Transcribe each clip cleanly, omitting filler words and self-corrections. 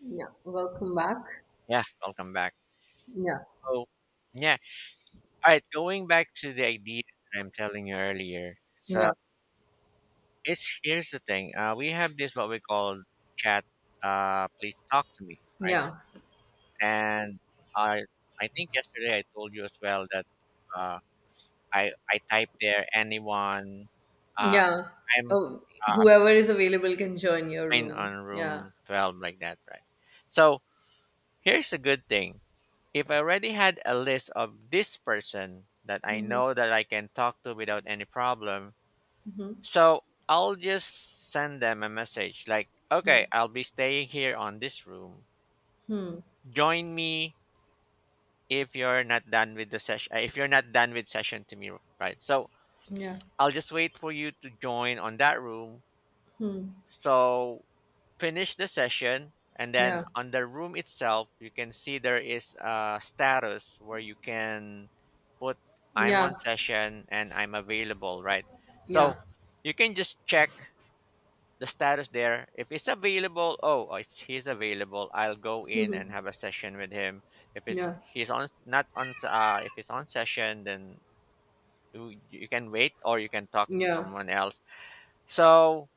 Yeah, welcome back. Yeah, welcome back. Yeah, So, yeah. All right, going back to the idea that I'm telling you earlier. So, yeah, it's here's the thing. We have this what we call chat. Please talk to me, right? yeah, And I I think yesterday I told you as well that uh, I typed there anyone. Uh, yeah. I'm Oh, uh, whoever is available can join your I'm in on room. Yeah. room 12 like that, right? So here's the good thing. If I already had a list of this person that I Mm-hmm. know that I can talk to without any problem, Mm-hmm. so I'll just send them a message like, Yeah. okay, I'll be staying here on this room. Hmm. Join me if you're not done with the session, if you're not done with session to me, right? So Yeah. I'll just wait for you to join on that room. Hmm. So finish the session, and then Yeah. on the room itself you can see there is a status where you can put I'm Yeah. on session and I'm available, right? So Yeah. you can just check the status there. If it's available, oh, oh, it's he's available, I'll go in Mm-hmm. and have a session with him. If it's Yeah. he's on not on if it's on session, then you can wait or you can talk to Yeah. someone else. So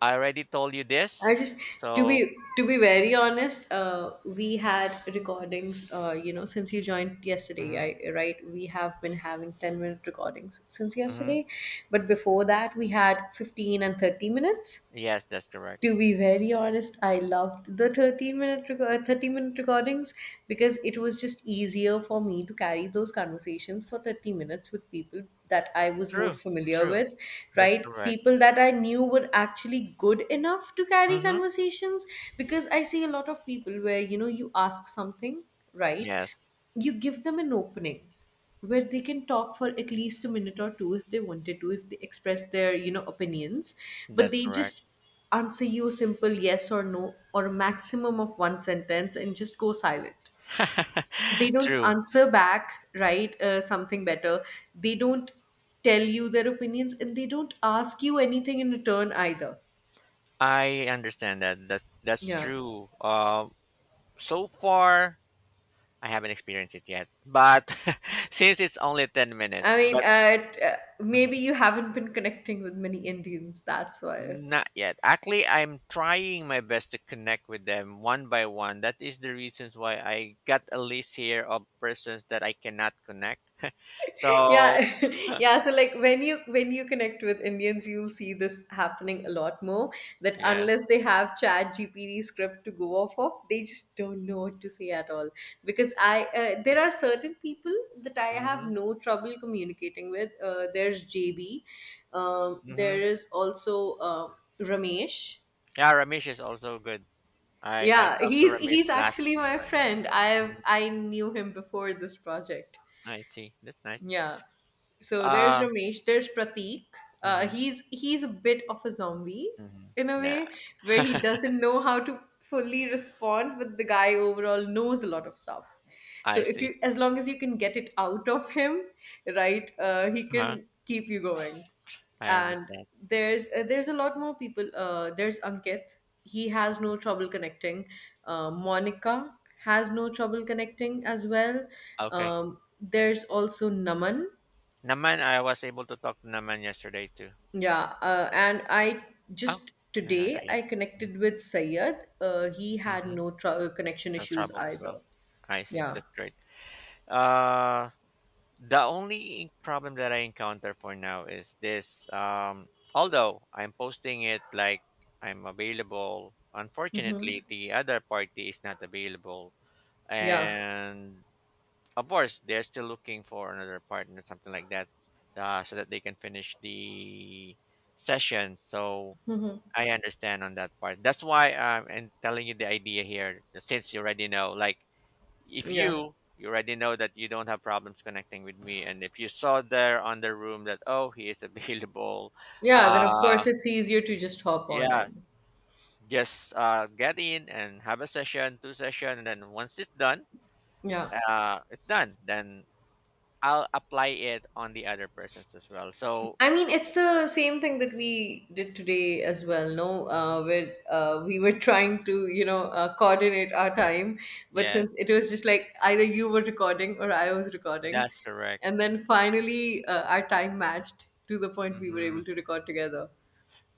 I already told you I this. just to So, be to be very honest, we had recordings. Since you joined yesterday, mhm, I right, we have been having 10 minute recordings since mhm. yesterday, but before that, we had 15 and 30 minutes Yes, that's correct. to be very honest. I loved the 30-minute recordings because it was just easier for me to carry those conversations for 30 minutes with people that I was more True, familiar true. with, That's right? correct. People that I knew were actually good enough to carry Mm-hmm. conversations, because I see a lot of people where you ask something, right? Yes, You give them an opening where they can talk for at least a minute or two if they wanted to, if they express their opinions, but that's they correct. just answer you a simple yes or no or a maximum of one sentence and just go silent. They don't True. answer back, right? Something better, they don't tell you their opinions and they don't ask you anything in return either, I understand that. That's yeah. true. So far, I haven't experienced it yet. But since it's only ten minutes, but mhm, Maybe you haven't been connecting with many indians, that's why. not yet. Actually, I'm trying my best to connect with them one by one. That is the reasons why I got a list here of persons that I cannot connect. Yeah. So Yeah, so like when you connect with indians you'll see this happening a lot more, that yes. unless they have chat gpt script to go off of they just don't know what to say at all. Because I There are certain people that I have Mm-hmm. no trouble communicating with. There's jb, there Mm-hmm. is also ramesh. Yeah, Ramesh is also good. I Yeah, talked to he's Ramesh last actually my friend. time. i've Mhm. i knew him before this project. I see. That's nice. Yeah. So there's Uh, Ramesh, there's Pratik. Mm-hmm, He's a bit of a zombie mm-hmm. in a way, Nah. where he doesn't know how to fully respond, but the guy overall knows a lot of stuff. So I if see. you, as long as you can get it out of him, right, he Huh? can keep you going. I And understand. There's a lot more people. There's ankit, he has Mhm. no trouble connecting. Monica has no trouble connecting as well. Okay. There's also naman. Naman, I was able to talk to Naman yesterday too. Yeah. Uh, and i Oh, just no, today not yet. I connected with sayed. He had Mm-hmm. no connection No issues trouble as well. either. I see. Yeah. That's great. Uh, the only problem that I encounter for now is this. Although I'm posting it like I'm available, Mm-hmm. unfortunately, the other party is not available. Yeah. And of course, they're still looking for another partner, something like that, so that they can finish the session. So Mm-hmm. I understand on that part. That's why I'm and telling you the idea here, since you already know, like if Yeah, you already know that you don't have problems connecting with me and if you saw there on the room that, oh, he is available, yeah, then of uh, course it's easier to just hop on yeah, in. just get in and have a session, two session, and then once it's done, Yeah. It's done, then I'll apply it on the other persons as well. So I mean, it's the same thing that we did today as well. No, mhm. where we were trying to, coordinate our time, but since Yes, it was just like either you were recording or I was recording, that's correct. and then finally our time matched to the point we were Hmm. able to record together.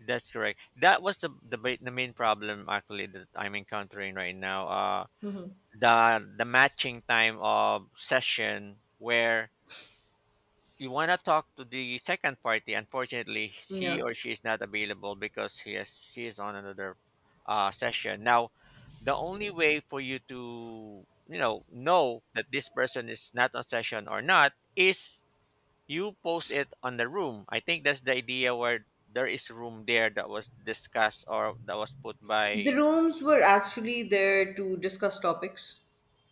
That's correct. That was the main problem actually that I'm encountering right now. Hmm. The matching time of session, where you want to talk to the second party. Unfortunately he Yeah, or she is not available because he is, she is on another session now. The only way for you to know that this person is not on session or not is you post it on the room. I think that's the idea, where there is room there that was discussed or that was put the by. rooms were actually there to discuss topics.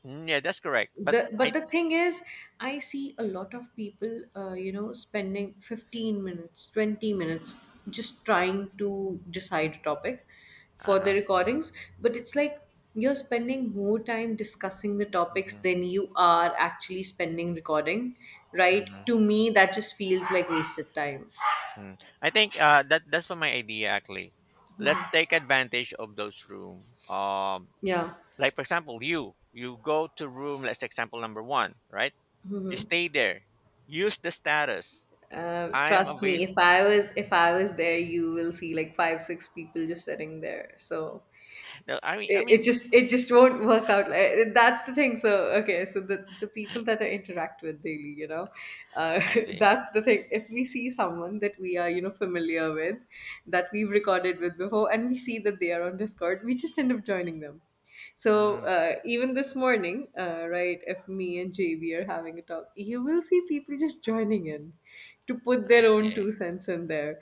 Mm, yeah, that's correct, but the I but the thing is, I see a lot of people spending 15 minutes, 20 minutes just trying to decide a topic for uh-huh. the recordings. But it's like you're spending more time discussing the topics Mhm. than you are actually spending recording, right? Mhm. To me that just feels like wasted time. Mm. I think that's for my idea, actually. Let's Mhm. take advantage of those room. Um, Yeah. like for example, you go to room. Let's example number one, right? You Hmm. stay there. Use the status. I'm Trust avail. me, if I was there, you will see like five, six people just sitting there. So No, I mean, I it, it mean, just it just won't work out, like that's the thing. So okay, so the people that I interact with daily, uh, I see. that's the thing. If we see someone that we are familiar with, that we've recorded with before and we see that they are on discord, we just end up joining them. So Mm, even this morning, right, if me and JB are having a talk, you will see people just joining in to put I their own see. two cents in there.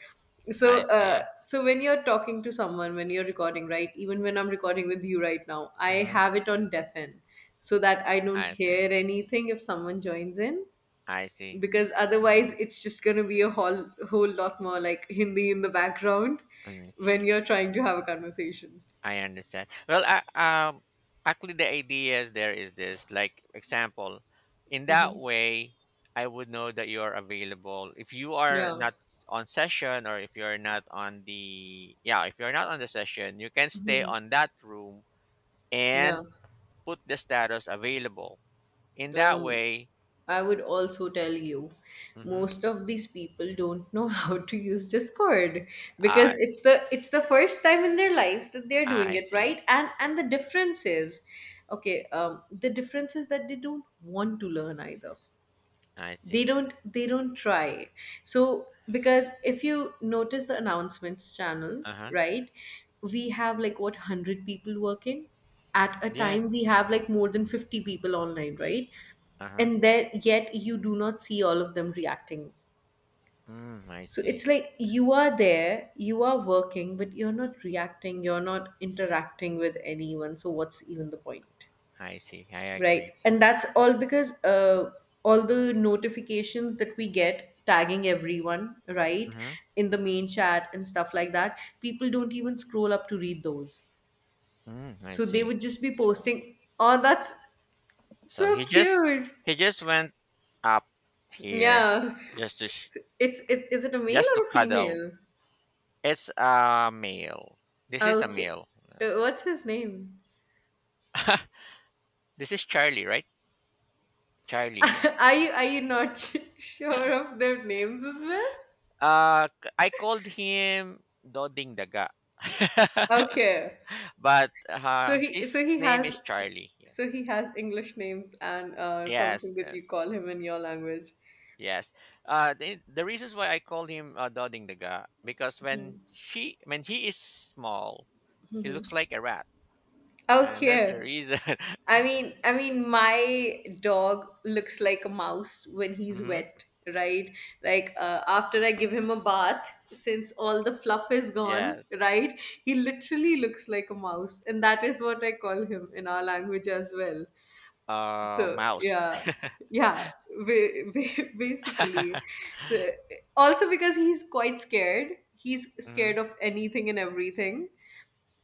I So, see. so when you're talking to someone, when you're recording, right, even when I'm recording with you right now, I Hmm. have it on deafen so that I don't I see. hear anything if someone joins in, I see. because otherwise it's just gonna be a whole lot more like Hindi in the background Mm. when you're trying to have a conversation. I understand. Well, actually, the ideas there is this. Like example, in that Hmm. way, I would know that you are available. If you are Yeah. not on session, or if you are not on the yeah, if you are not on the session, you can stay on that room Yeah. and put the status available. In that Um, way, I would also tell you, mm-hmm. most of these people don't know how to use Discord because I it's the first time in their lives that they're doing I it, see. right? And the difference is, okay, the difference is that they don't want to learn either. I see. They don't try. So because if you notice the announcements channel, Uh huh. right, we have like what, 100 people working at a time, we Yes. have like more than 50 people online, right? Uh huh. And there yet you do not see all of them reacting. Mm, I So see. it's like you are there, you are working, but you're not reacting, you're not interacting with anyone, so what's even the point? I see. I Right. agree. And that's all because all the notifications that we get tagging everyone, right, Mm-hmm. in the main chat and stuff like that, people don't even scroll up to read those. Mm, I So they see. would just be So, posting, oh, that's so he just cute. he just went up here Yeah. just to Is it a male just to or a cuddle. female? It's a male. This is a Okay. male. What's his name? This is Charlie, right? Charlie. Yeah. Are you not sure of their names as well? I called him Doding Daga, Okay. but So he so his he name has is Charlie. so Yes. he has English names and something Yes. that you Yes. call him in your language. Yes. The reasons why I call him Doding Daga, because when he is small, he looks like a rat, and that's the Okay. reason. I mean my dog looks like a mouse when he's Hmm. wet, right? Like after I give him a bath since all the fluff is gone, Yes, right? He literally looks like a mouse and that is what I call him in our language as well. So mouse. yeah. Yeah. Basically, so also because he's quite scared, he's Hmm. scared of anything and everything.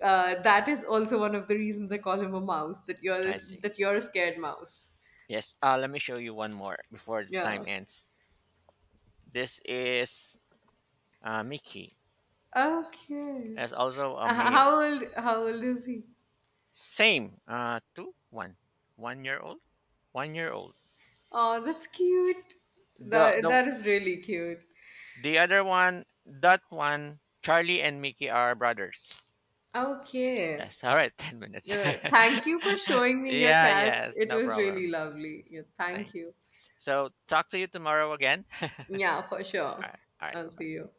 That is also one of the reasons I call him a mouse, that I see. You're a scared mouse. Yes. Let me show you one more before the time Yeah. ends. This is Mickey. Okay. It's also a Uh, how male. old how old is he? Same. Two, one, 1 year old, 1 year old. Oh, that's cute. The That the that is really cute. the other one, that one, Charlie and Mickey are brothers. Okay. Yes. All right. 10 minutes. Yeah, thank you for showing me your Yeah. cats. Yes. It No was problem. really lovely. Yeah, thank Thank you. you. So talk to you tomorrow again. Yeah, for sure. All right. All right. Bye I'll see bye. you.